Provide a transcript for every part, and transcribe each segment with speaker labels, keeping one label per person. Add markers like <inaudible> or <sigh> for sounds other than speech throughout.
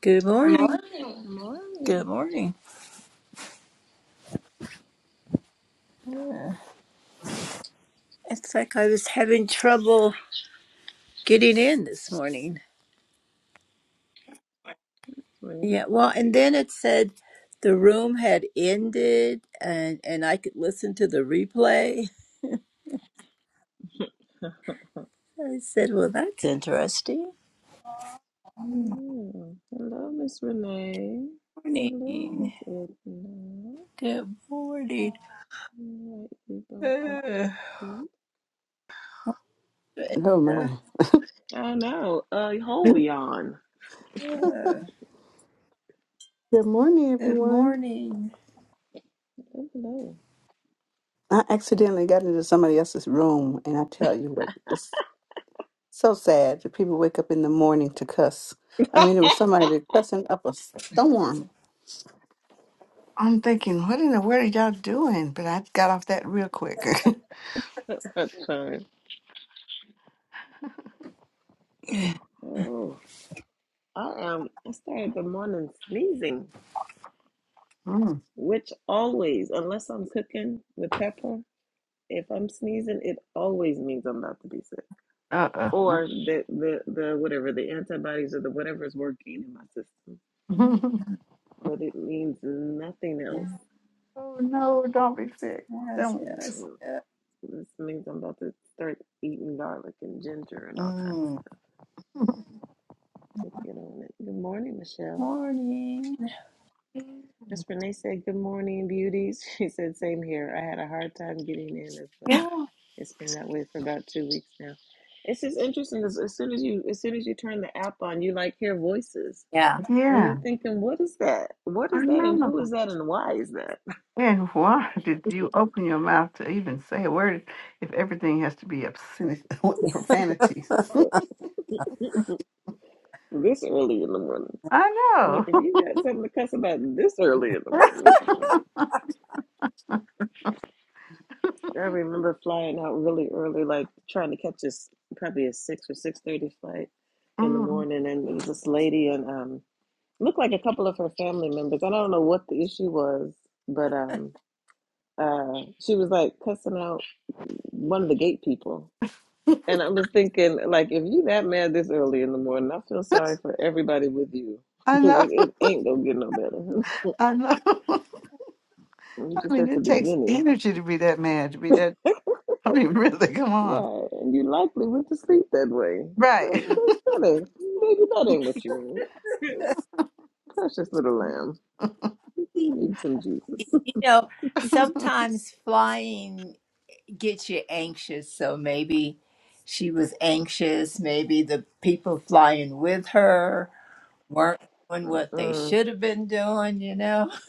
Speaker 1: Good morning. morning.
Speaker 2: Good
Speaker 1: Good
Speaker 2: morning.
Speaker 1: morning. It's like I was having trouble getting in this morning.
Speaker 2: That's weird.
Speaker 1: Yeah, well, and then it said the room had ended and and I could listen to the replay.
Speaker 2: Yeah. <laughs>
Speaker 1: I said, "Well, that's interesting." Good
Speaker 2: Hello, Miss Renee. Hello,
Speaker 1: Morning.
Speaker 2: Miss Edna.
Speaker 1: Good morning.
Speaker 2: Invite you both up to
Speaker 1: <sighs>
Speaker 2: speak.
Speaker 3: Oh my.
Speaker 1: Uh,
Speaker 2: I know. Uh, holy on.
Speaker 1: uh, uh,
Speaker 3: Good morning,
Speaker 1: good
Speaker 3: everyone.
Speaker 1: morning.
Speaker 2: Hello.
Speaker 3: I accidentally got into somebody else's room, and I tell you what, it's so sad that people wake up in the morning to cuss. I
Speaker 2: <laughs>
Speaker 3: mean, it was somebody cussing up a storm. I'm thinking, what in the world are y'all doing? But I got off that real quick.
Speaker 2: That time.
Speaker 1: Yes,
Speaker 2: Oh, I um, I started the morning sneezing,
Speaker 3: <laughs> mm,
Speaker 2: which always, unless I'm cooking with pepper, if I'm sneezing, it always means I'm about to be sick.
Speaker 3: uh oh.
Speaker 2: or the the the whatever the antibodies or the whatever is working in my system.
Speaker 3: <laughs>
Speaker 2: But it means nothing else.
Speaker 3: oh no, don't be sick.
Speaker 1: yes.
Speaker 3: Don't.
Speaker 1: yes.
Speaker 2: This means I'm about to start eating garlic and ginger and all kinds of
Speaker 1: Mm.
Speaker 2: stuff. Need to get on it. Good morning, Michelle.
Speaker 1: Morning.
Speaker 2: Miss Renee said, "Good morning, beauties." <laughs> She said, "Same here. I had a hard time getting in as well.
Speaker 1: Yeah.
Speaker 2: It's been that way for about two weeks now. It's just interesting because as soon as you as soon as you turn the app on, you like hear voices.
Speaker 1: Yeah.
Speaker 2: And you're
Speaker 3: Yeah,
Speaker 2: thinking, what is that? What
Speaker 3: I
Speaker 2: is that? And who
Speaker 3: know.
Speaker 2: is that? And why is that? <laughs>
Speaker 3: And why <laughs> did you open your mouth to even say a word if everything has to be obscenity, <laughs> profanities? <laughs>
Speaker 2: This early in the morning. Like,
Speaker 3: I
Speaker 2: if
Speaker 3: know. <laughs>
Speaker 2: you got something to cuss about this early in the morning. I remember flying out really early, like trying to catch this probably a six or six thirty flight in the
Speaker 3: Mm.
Speaker 2: morning. And it was this lady and um looked like a couple of her family members. I don't know what the issue was, but um uh she was like cussing out one of the gate people And I was thinking, like, if you that mad this early in the morning, I feel sorry for everybody with you <laughs>
Speaker 3: I
Speaker 2: because
Speaker 3: know.
Speaker 2: it, it ain't gonna get no better.
Speaker 3: <laughs> I know. <laughs>
Speaker 2: <laughs> I'm
Speaker 3: I
Speaker 2: just
Speaker 3: mean,
Speaker 2: at the
Speaker 3: it takes
Speaker 2: beginning,
Speaker 3: energy to be that mad, to be that. <laughs> I mean, really, come on.
Speaker 2: right? And you likely went to sleep that way. That,
Speaker 3: Right.
Speaker 2: that, that ain't, baby, that ain't what you want. <laughs> Precious little
Speaker 3: <laughs>
Speaker 2: lamb, you need some Jesus. <laughs>
Speaker 1: You know, sometimes flying gets you anxious. So maybe she was anxious. Maybe the people flying with her weren't doing what they
Speaker 2: Uh-uh.
Speaker 1: should have been doing, you know? <laughs>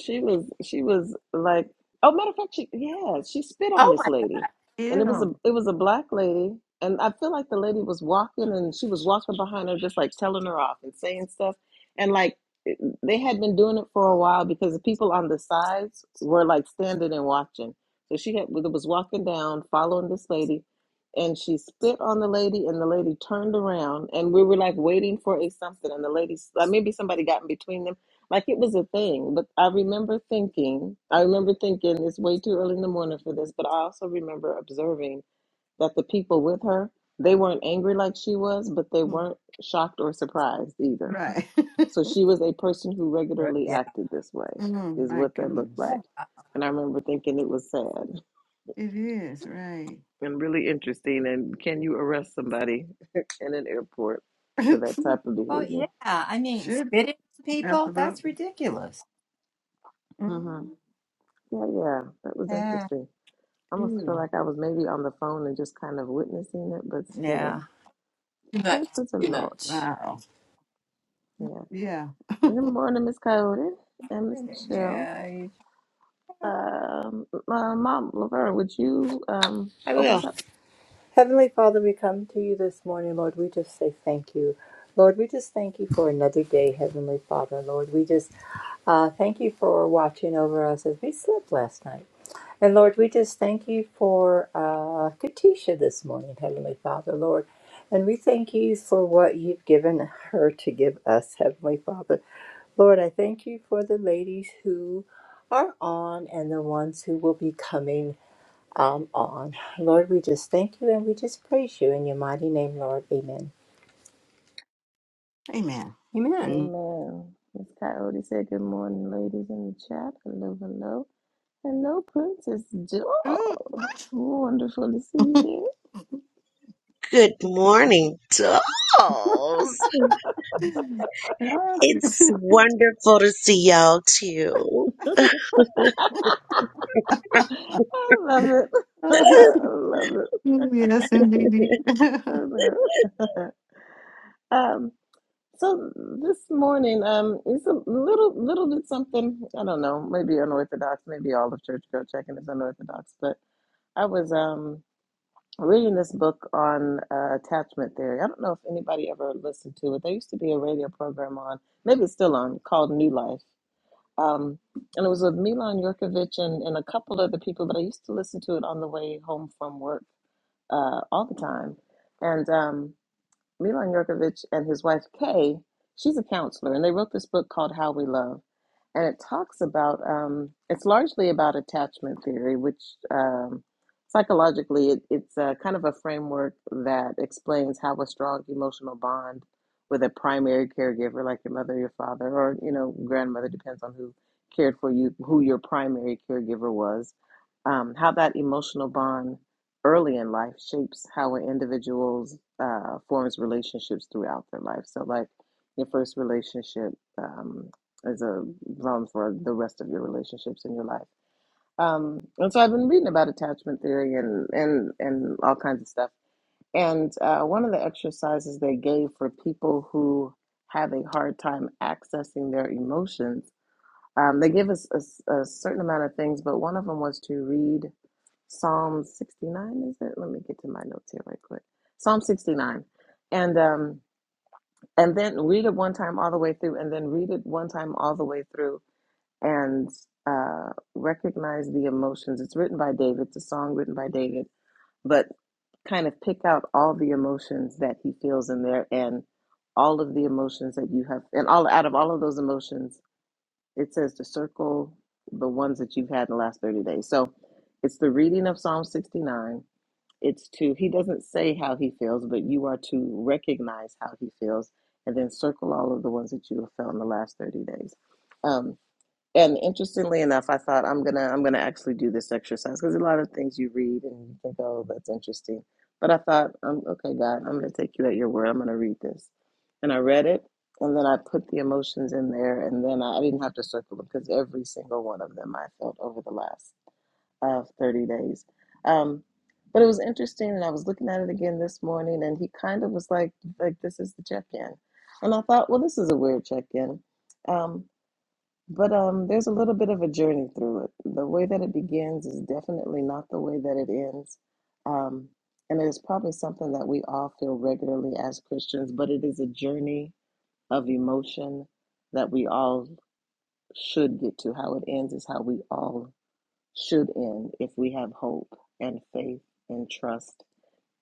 Speaker 2: She was she was like oh matter of fact she yeah she spit on
Speaker 1: Oh
Speaker 2: this
Speaker 1: my.
Speaker 2: lady and it was
Speaker 3: Ew.
Speaker 2: a it was a black lady and I feel like the lady was walking and she was walking behind her just like telling her off and saying stuff and like it- they had been doing it for a while because the people on the sides were like standing and watching so she had was walking down following this lady and she spit on the lady and the lady turned around and we were like waiting for a something and the lady like maybe somebody got in between them like it was a thing. But I remember thinking, I remember thinking it's way too early in the morning for this, but I also remember observing that the people with her, they weren't angry like she was, but they
Speaker 3: Mm,
Speaker 2: weren't shocked or surprised either.
Speaker 3: Right. <laughs>
Speaker 2: So she was a person who
Speaker 1: Right.
Speaker 2: regularly
Speaker 1: Yeah.
Speaker 2: acted this way,
Speaker 3: Oh
Speaker 2: is
Speaker 3: my
Speaker 2: what that looked
Speaker 3: goodness.
Speaker 2: like.
Speaker 1: oh,
Speaker 2: And I remember thinking it was sad
Speaker 3: It is, right.
Speaker 2: and really interesting. And can you arrest somebody <laughs> in an airport for
Speaker 3: <laughs>
Speaker 2: that type of
Speaker 1: Well,
Speaker 2: behavior?
Speaker 1: yeah. I mean,
Speaker 3: Should,
Speaker 1: spitting on people, that's
Speaker 3: absolutely.
Speaker 1: ridiculous.
Speaker 2: hmm
Speaker 3: Mm,
Speaker 2: Yeah, yeah, that was
Speaker 1: Yeah.
Speaker 2: interesting. almost feel
Speaker 3: Ew.
Speaker 2: like I was maybe on the phone and just kind of witnessing it, but
Speaker 1: Yeah.
Speaker 2: still,
Speaker 1: Too much.
Speaker 2: that was a
Speaker 1: Too
Speaker 2: lot.
Speaker 1: much.
Speaker 3: Wow.
Speaker 2: Yeah.
Speaker 3: Yeah.
Speaker 2: Good morning, Miss Coyote and Miss Michelle.
Speaker 1: Yeah. I
Speaker 2: Um, uh, Mom Laverne, would you um
Speaker 1: I
Speaker 2: open
Speaker 1: will.
Speaker 2: us up?
Speaker 1: Heavenly Father, we come to you this morning, Lord. We just say thank you. Lord, we just thank you for another day, Heavenly Father. Lord, we just uh, thank you for watching over us as we slept last night. And Lord, we just thank you for uh, Katisha this morning, Heavenly Father, Lord. And we thank you for what you've given her to give us, Heavenly Father. Lord, I thank you for the ladies who are on and the ones who will be coming um, on. Lord, we just thank you and we just praise you in your mighty name, Lord. Amen.
Speaker 3: Amen.
Speaker 1: Amen.
Speaker 2: Amen. Miss Coyote said, "Good morning, ladies in the chat. Hello, hello, hello, Princess
Speaker 3: Mm.
Speaker 2: Doll. Wonderful to see you
Speaker 4: Good morning, dolls.
Speaker 3: <laughs> yes,
Speaker 4: It's wonderful to see y'all too.
Speaker 2: there. <laughs> I love it. <laughs> I
Speaker 3: <laughs>
Speaker 2: love it.
Speaker 3: Yes, indeed. <laughs>
Speaker 2: Hello. <laughs> Um, so this morning, um, it's a little, little bit something. I don't know, maybe unorthodox, maybe all of Church Girl Checking is unorthodox. But I was um reading this book on uh, attachment theory. I don't know if anybody ever listened to it. There used to be a radio program on, maybe it's still on, called New Life. Um, and it was with Milan Jurkovic and, and a couple other people, but I used to listen to it on the way home from work uh, all the time. And um, Milan Jurkovic and his wife Kay, she's a counselor, and they wrote this book called How We Love, and it talks about um, it's largely about attachment theory, which um, psychologically it, it's uh kind of a framework that explains how a strong emotional bond with a primary caregiver, like your mother, your father, or you know grandmother, depends on who cared for you, who your primary caregiver was, um, how that emotional bond early in life shapes how an individual's uh, forms relationships throughout their life. So, like your first relationship um, is a run for the rest of your relationships in your life. Um, and so, I've been reading about attachment theory and and and all kinds of stuff. And uh, one of the exercises they gave for people who have a hard time accessing their emotions, um, they give us a a certain amount of things, but one of them was to read Psalm 69, is it? Let me get to my notes here right quick. Psalm 69. And um and then read it one time all the way through and then read it one time all the way through and uh recognize the emotions. It's written by David, it's a song written by David, but kind of pick out all the emotions that he feels in there and all of the emotions that you have and all out of all of those emotions, it says to circle the ones that you've had in the last 30 days. So it's the reading of Psalm 69 it's to he doesn't say how he feels but you are to recognize how he feels and then circle all of the ones that you have felt in the last 30 days um, and interestingly enough i thought i'm gonna i'm gonna actually do this exercise because a lot of things you read and you think oh that's interesting but i thought um, okay god i'm gonna take you at your word i'm gonna read this and i read it and then i put the emotions in there and then i, I didn't have to circle them because every single one of them i felt over the last of 30 days. Um, but it was interesting, and I was looking at it again this morning, and he kind of was like, like this is the check-in, and I thought, well, this is a weird check-in, um, but um, there's a little bit of a journey through it. The way that it begins is definitely not the way that it ends, um, and it is probably something that we all feel regularly as Christians, but it is a journey of emotion that we all should get to. How it ends is how we all should end if we have hope and faith and trust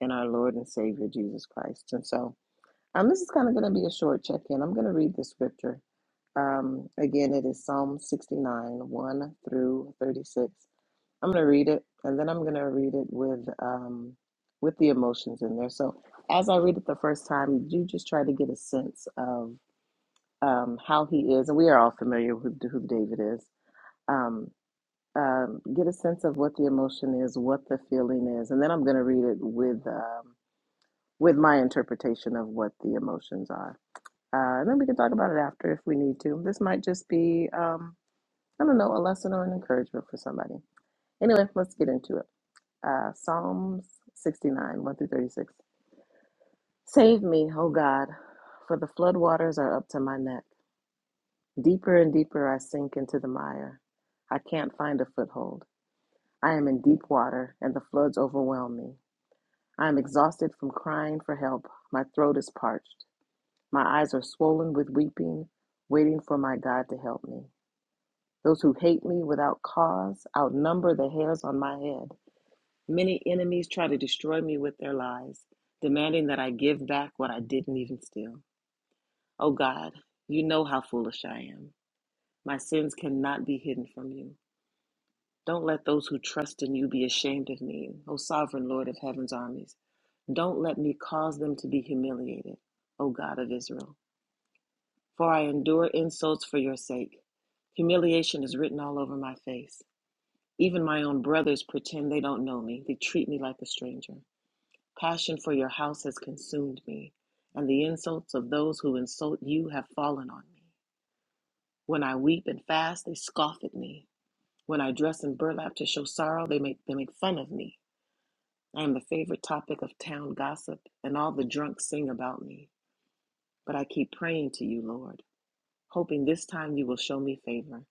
Speaker 2: in our Lord and Savior Jesus Christ. And so um, this is kind of going to be a short check in. I'm going to read the scripture. Um, again, it is Psalm 69, 1 through 36. I'm going to read it and then I'm going to read it with um, with the emotions in there. So as I read it the first time, you just try to get a sense of um, how he is. And we are all familiar with who David is. Um um, get a sense of what the emotion is, what the feeling is, and then I'm going to read it with um, with my interpretation of what the emotions are, uh, and then we can talk about it after if we need to. This might just be um, I don't know a lesson or an encouragement for somebody. Anyway, let's get into it. Uh, Psalms 69, 1 through 36. Save me, O God, for the floodwaters are up to my neck. Deeper and deeper I sink into the mire. I can't find a foothold. I am in deep water, and the floods overwhelm me. I am exhausted from crying for help. My throat is parched. My eyes are swollen with weeping, waiting for my God to help me. Those who hate me without cause outnumber the hairs on my head. Many enemies try to destroy me with their lies, demanding that I give back what I didn't even steal. Oh God, you know how foolish I am. My sins cannot be hidden from you. Don't let those who trust in you be ashamed of me, O sovereign Lord of heaven's armies. Don't let me cause them to be humiliated, O God of Israel, for I endure insults for your sake. Humiliation is written all over my face. Even my own brothers pretend they don't know me. They treat me like a stranger. Passion for your house has consumed me, and the insults of those who insult you have fallen on me. When I weep and fast, they scoff at me. When I dress in burlap to show sorrow, they make, they make fun of me. I am the favorite topic of town gossip, and all the drunks sing about me. But I keep praying to you, Lord, hoping this time you will show me favor.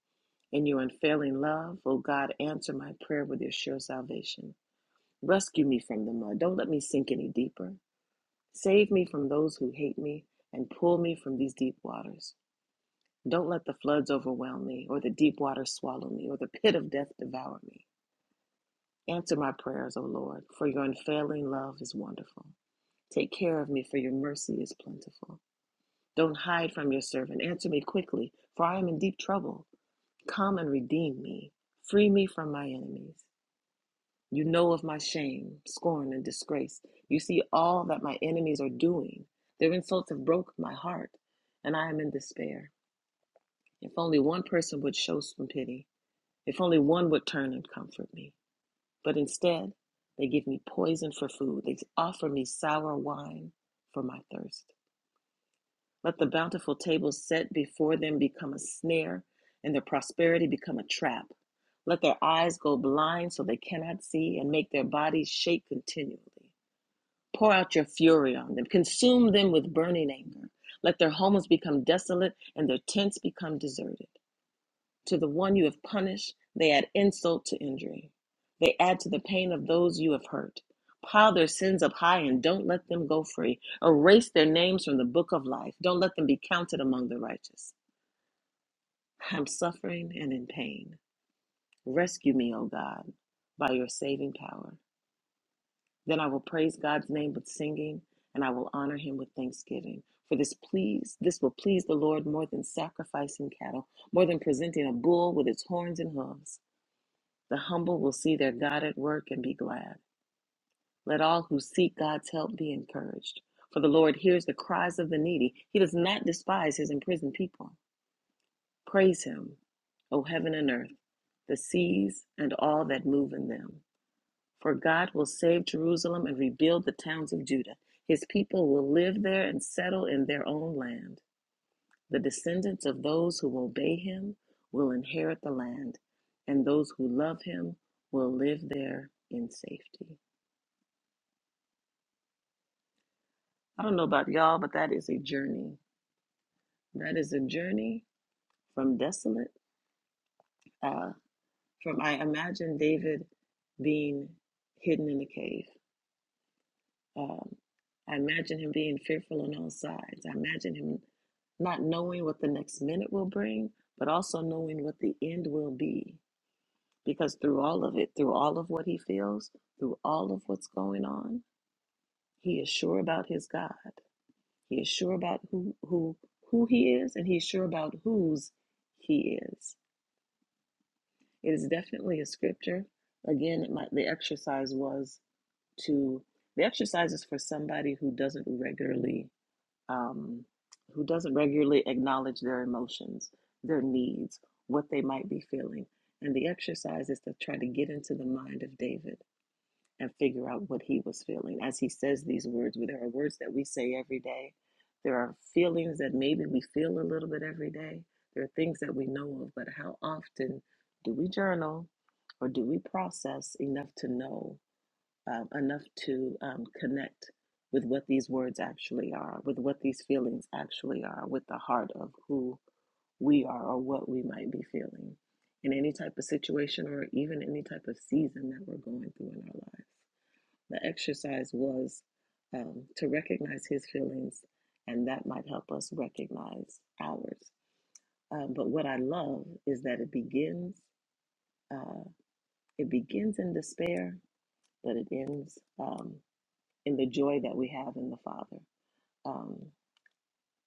Speaker 2: In your unfailing love, O God, answer my prayer with your sure salvation. Rescue me from the mud. Don't let me sink any deeper. Save me from those who hate me and pull me from these deep waters. Don't let the floods overwhelm me, or the deep waters swallow me, or the pit of death devour me. Answer my prayers, O Lord, for your unfailing love is wonderful. Take care of me, for your mercy is plentiful. Don't hide from your servant. Answer me quickly, for I am in deep trouble. Come and redeem me. Free me from my enemies. You know of my shame, scorn, and disgrace. You see all that my enemies are doing. Their insults have broken my heart, and I am in despair. If only one person would show some pity. If only one would turn and comfort me. But instead, they give me poison for food. They offer me sour wine for my thirst. Let the bountiful table set before them become a snare, and their prosperity become a trap. Let their eyes go blind so they cannot see, and make their bodies shake continually. Pour out your fury on them, consume them with burning anger. Let their homes become desolate, and their tents become deserted. To the one you have punished, they add insult to injury. They add to the pain of those you have hurt. Pile their sins up high and don't let them go free. Erase their names from the book of life. Don't let them be counted among the righteous. I'm suffering and in pain. Rescue me, O God, by your saving power. Then I will praise God's name with singing, and I will honor him with thanksgiving. For this please, this will please the Lord more than sacrificing cattle, more than presenting a bull with its horns and hooves. The humble will see their God at work and be glad. Let all who seek God's help be encouraged. For the Lord hears the cries of the needy. He does not despise his imprisoned people. Praise him, O heaven and earth, the seas and all that move in them. For God will save Jerusalem and rebuild the towns of Judah. His people will live there and settle in their own land. The descendants of those who obey him will inherit the land, and those who love him will live there in safety. I don't know about y'all, but that is a journey. That is a journey from desolate, uh, from I imagine David being hidden in a cave. Um, I imagine him being fearful on all sides. I imagine him not knowing what the next minute will bring, but also knowing what the end will be. Because through all of it, through all of what he feels, through all of what's going on, he is sure about his God. He is sure about who who who he is, and he's sure about whose he is. It is definitely a scripture. Again, my, the exercise was to the exercise is for somebody who doesn't regularly um, who doesn't regularly acknowledge their emotions, their needs, what they might be feeling, and the exercise is to try to get into the mind of David and figure out what he was feeling. As he says these words, there are words that we say every day. There are feelings that maybe we feel a little bit every day. There are things that we know of, but how often do we journal or do we process enough to know, um, enough to um, connect with what these words actually are, with what these feelings actually are, with the heart of who we are or what we might be feeling in any type of situation or even any type of season that we're going through in our lives? The exercise was um, to recognize his feelings, and that might help us recognize ours. Um, but what I love is that it begins uh, it begins in despair, but it ends um, in the joy that we have in the Father. Um,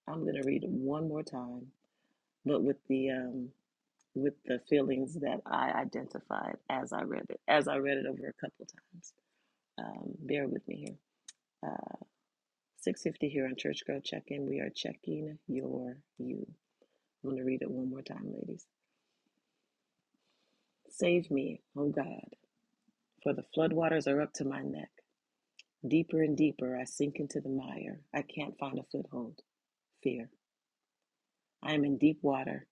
Speaker 2: I'm going to read it one more time, but with the um, with the feelings that I identified as I read it, as I read it over a couple times. Um, bear with me here. Uh, 650 here on Church Girl Check In. We are checking your you. I'm going to read it one more time, ladies. Save me, O God, for the floodwaters are up to my neck. Deeper and deeper I sink into the mire. I can't find a foothold. Fear. I am in deep water,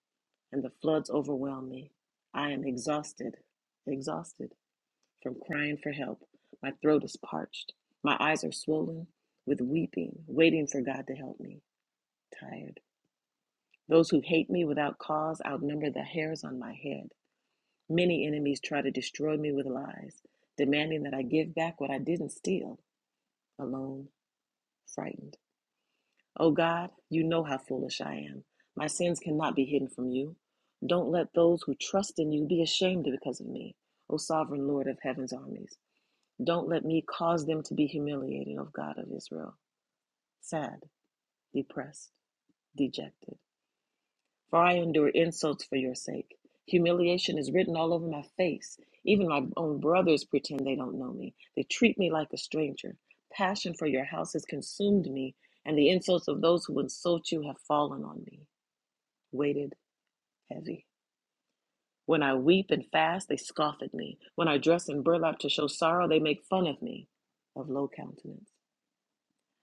Speaker 2: and the floods overwhelm me. I am exhausted, exhausted from crying for help. My throat is parched. My eyes are swollen with weeping, waiting for God to help me. Tired. Those who hate me without cause outnumber the hairs on my head. Many enemies try to destroy me with lies, demanding that I give back what I didn't steal, alone, frightened. O God, you know how foolish I am. My sins cannot be hidden from you. Don't let those who trust in you be ashamed because of me, O sovereign Lord of heaven's armies. Don't let me cause them to be humiliated, O God of Israel, sad, depressed, dejected. For I endure insults for your sake. Humiliation is written all over my face. Even my own brothers pretend they don't know me. They treat me like a stranger. Passion for your house has consumed me, and the insults of those who insult you have fallen on me, weighted heavy. When I weep and fast, they scoff at me. When I dress in burlap to show sorrow, they make fun of me, of low countenance.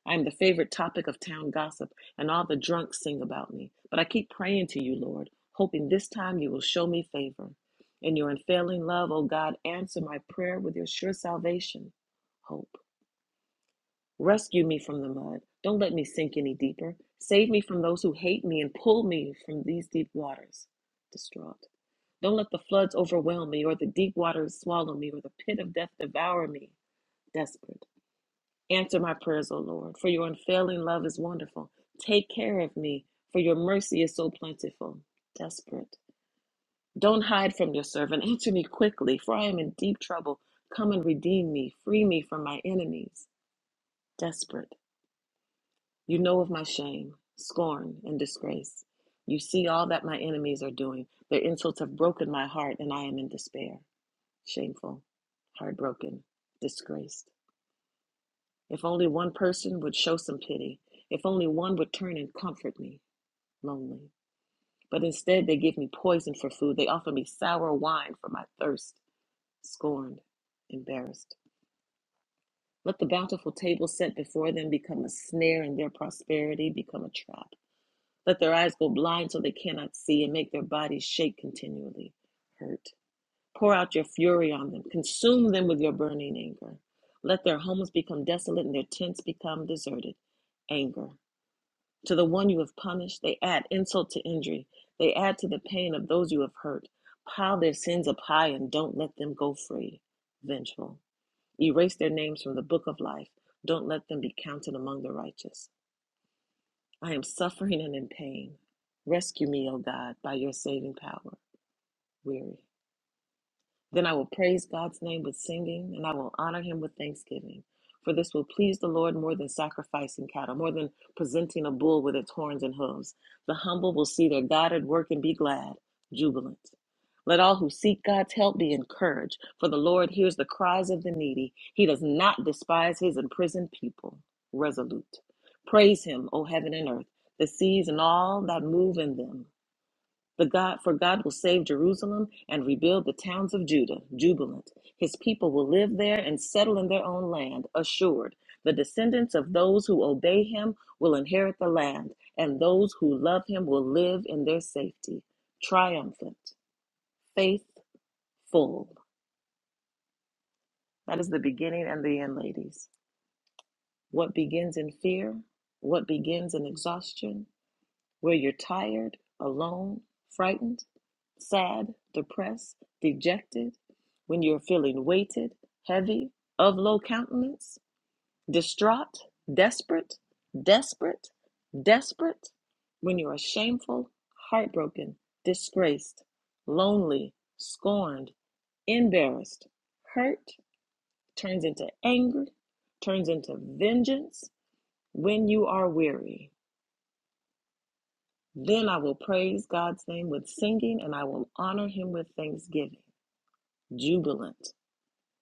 Speaker 2: I am the favorite topic of town gossip, and all the drunks sing about me. But I keep praying to you, Lord, hoping this time you will show me favor. In your unfailing love, O God, answer my prayer with your sure salvation. Hope. Rescue me from the mud. Don't let me sink any deeper. Save me from those who hate me and pull me from these deep waters. Distraught. Don't let the floods overwhelm me, or the deep waters swallow me, or the pit of death devour me. Desperate. Answer my prayers, O Lord, for your unfailing love is wonderful. Take care of me, for your mercy is so plentiful. Desperate. Don't hide from your servant. <laughs> Answer me quickly, for I am in deep trouble. Come and redeem me. Free me from my enemies. Desperate. You know of my shame, scorn, and disgrace. You see all that my enemies are doing. Their insults have broken my heart, and I am in despair. Shameful, heartbroken, disgraced. If only one person would show some pity. If only one would turn and comfort me, lonely. But instead, they give me poison for food. They offer me sour wine for my thirst, scorned, embarrassed. Let the bountiful table set before them become a snare and their prosperity become a trap. Let their eyes go blind so they cannot see and make their bodies shake continually, hurt. Pour out your fury on them, consume them with your burning anger. Let their homes become desolate and their tents become deserted anger. To the one you have punished, they add insult to injury. They add to the pain of those you have hurt. Pile their sins up high and don't let them go free. Vengeful. Erase their names from the book of life. Don't let them be counted among the righteous. I am suffering and in pain. Rescue me, O God, by your saving power. Weary. Then I will praise God's name with singing, and I will honor him with thanksgiving. For this will please the Lord more than sacrificing cattle, more than presenting a bull with its horns and hooves. The humble will see their God at work and be glad, jubilant. Let all who seek God's help be encouraged, for the Lord hears the cries of the needy. He does not despise his imprisoned people. Resolute. Praise him, O heaven and earth, the seas and all that move in them. The God for God will save Jerusalem and rebuild the towns of Judah, jubilant. His people will live there and settle in their own land, assured. The descendants of those who obey him will inherit the land, and those who love him will live in their safety, triumphant, faithful. That is the beginning and the end, ladies. What begins in fear, what begins in exhaustion, where you're tired, alone, frightened, sad, depressed, dejected, when you're feeling weighted, heavy, of low countenance, distraught, desperate, desperate, desperate, when you are shameful, heartbroken, disgraced, lonely, scorned, embarrassed, hurt, turns into anger, turns into vengeance, when you are weary. Then I will praise God's name with singing, and I will honor him with thanksgiving, jubilant.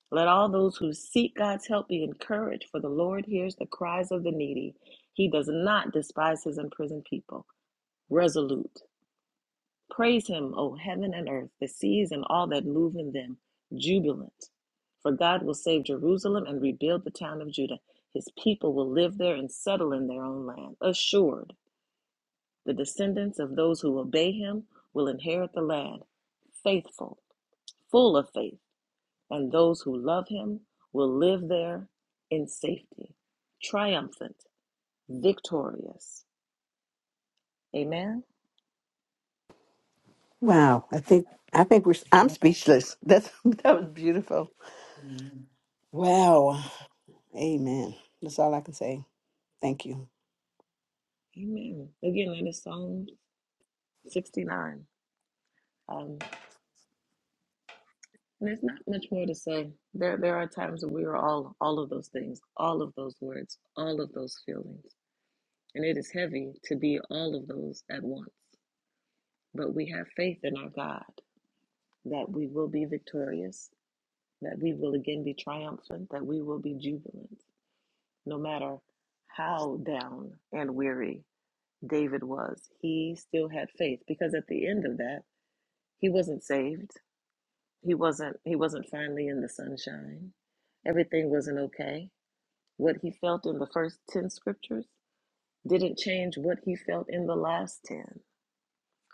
Speaker 2: Let all those who seek God's help be encouraged, for the Lord hears the cries of the needy. He does not despise his imprisoned people. Resolute. Praise him, O heaven and earth, the seas and all that move in them. Jubilant. For God will save Jerusalem and rebuild the town of Judah. His people will live there and settle in their own land. Assured. The descendants of those who obey him will inherit the land, faithful, full of faith, and those who love him will live there in safety, triumphant, victorious. Amen.
Speaker 3: wow, I think I think we're. I'm speechless. That's <laughs> that was beautiful.
Speaker 5: Amen.
Speaker 3: Wow. Amen. That's all I can say. Thank you.
Speaker 2: Amen. Again, that is Psalm 69. Um, and there's not much more to say. There, there are times when we are all, all of those things, all of those words, all of those feelings. And it is heavy to be all of those at once. But we have faith in our God that we will be victorious, that we will again be triumphant, that we will be jubilant. No matter how down and weary David was, he still had faith because at the end of that, he wasn't saved. He wasn't he wasn't finally in the sunshine. Everything wasn't okay. What he felt in the first 10 scriptures didn't change what he felt in the last 10.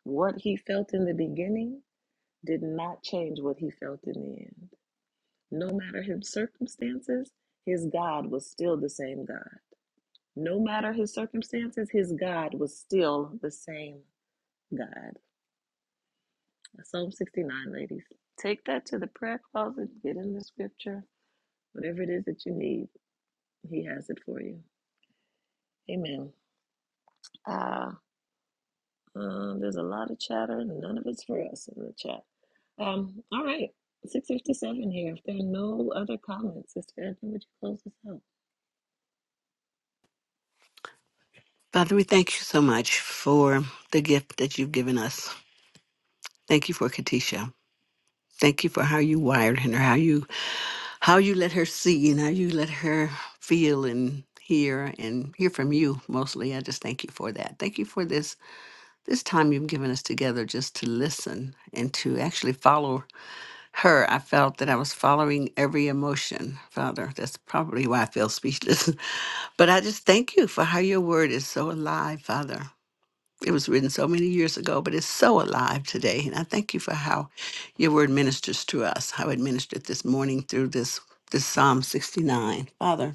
Speaker 2: What he felt in the beginning did not change what he felt in the end. No matter his circumstances, his God was still the same God. No matter his circumstances, his God was still the same God. Psalm 69, ladies. Take that to the prayer closet, get in the scripture. Whatever it is that you need, he has it for you. Amen. Uh, um, there's a lot of chatter, none of it's for us in the chat. Um, all right, 657 here. If there are no other comments, Sister Edna, would you close us out?
Speaker 3: Father, we thank you so much for the gift that you've given us. Thank you for Katisha. Thank you for how you wired her, how you how you let her see and how you let her feel and hear and hear from you mostly. I just thank you for that. Thank you for this this time you've given us together just to listen and to actually follow her. I felt that I was following every emotion, Father. That's probably why I feel speechless. <laughs> But I just thank you for how your word is so alive, Father. It was written so many years ago, but it's so alive today. And I thank you for how your word ministers to us, how it ministered this morning through this this Psalm 69. Father,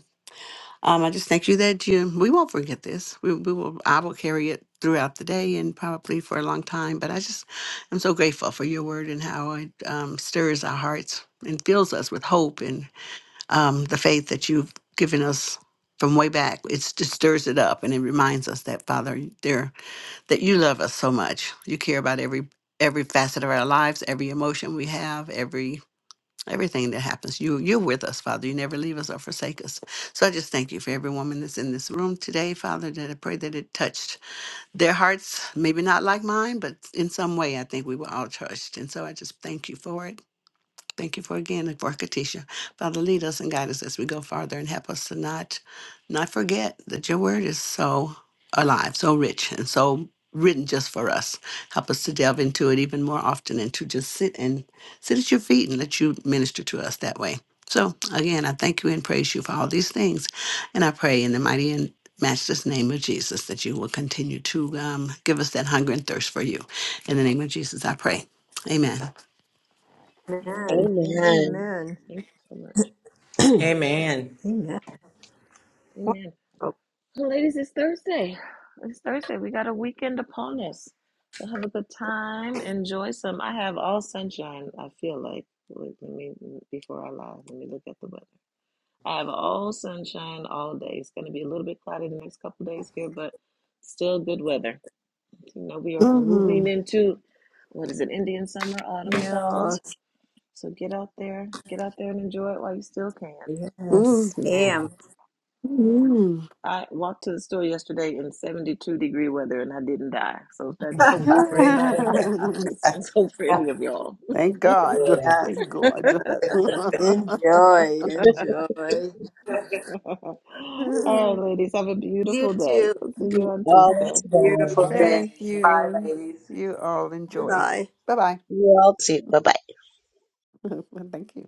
Speaker 3: um, I just thank you that you we won't forget this. We, we will I will carry it throughout the day and probably for a long time. But I just I'm so grateful for your word and how it um, stirs our hearts and fills us with hope and um, the faith that you've given us from way back. It's, it stirs it up and it reminds us that Father, there that you love us so much. You care about every every facet of our lives, every emotion we have, every everything that happens. You you're with us, Father. You never leave us or forsake us. So I just thank you for every woman that's in this room today, Father, that I pray that it touched their hearts, maybe not like mine, but in some way I think we were all touched. And so I just thank you for it. Thank you for again and for Katisha. Father, lead us and guide us as we go farther and help us to not not forget that your word is so alive, so rich, and so written just for us. Help us to delve into it even more often and to just sit and sit at your feet and let you minister to us that way. So again, I thank you and praise you for all these things. And I pray in the mighty and matchless name of Jesus that you will continue to um, give us that hunger and thirst for you. In the name of Jesus, I pray. Amen.
Speaker 2: Amen.
Speaker 1: Amen.
Speaker 4: Amen.
Speaker 2: Amen.
Speaker 1: Amen.
Speaker 2: Thank you so much.
Speaker 5: Amen.
Speaker 1: Amen.
Speaker 2: Amen. Well, ladies, it's Thursday. It's Thursday. We got a weekend upon us. So have a good time. Enjoy some. I have all sunshine, I feel like. Wait, Let me, before I lie, let me look at the weather. I have all sunshine all day. It's going to be a little bit cloudy the next couple days here, but still good weather. You know, we are moving
Speaker 3: Mm-hmm.
Speaker 2: into what is it, Indian summer, autumn,
Speaker 1: Yes.
Speaker 2: fall. So get out there, get out there and enjoy it while you still can.
Speaker 1: Yes, ma'am.
Speaker 3: Mm.
Speaker 2: I walked to the store yesterday in 72 degree weather and I didn't die. So if that's hopeful
Speaker 1: <laughs>
Speaker 2: for anybody, <laughs>
Speaker 3: <laughs>
Speaker 2: it's, it's hope for any of y'all.
Speaker 3: Thank God.
Speaker 1: yes.
Speaker 3: Thank God. <laughs>
Speaker 1: Enjoy. Enjoy.
Speaker 2: <laughs> All right, ladies, have a
Speaker 1: You
Speaker 2: beautiful day.
Speaker 1: too.
Speaker 2: I'll see you
Speaker 4: You
Speaker 2: on
Speaker 4: all
Speaker 2: Tuesday.
Speaker 4: too.
Speaker 3: Thank you all enjoy.
Speaker 1: Bye.
Speaker 3: Bye bye.
Speaker 4: You all too. Bye bye.
Speaker 3: <laughs> Thank you.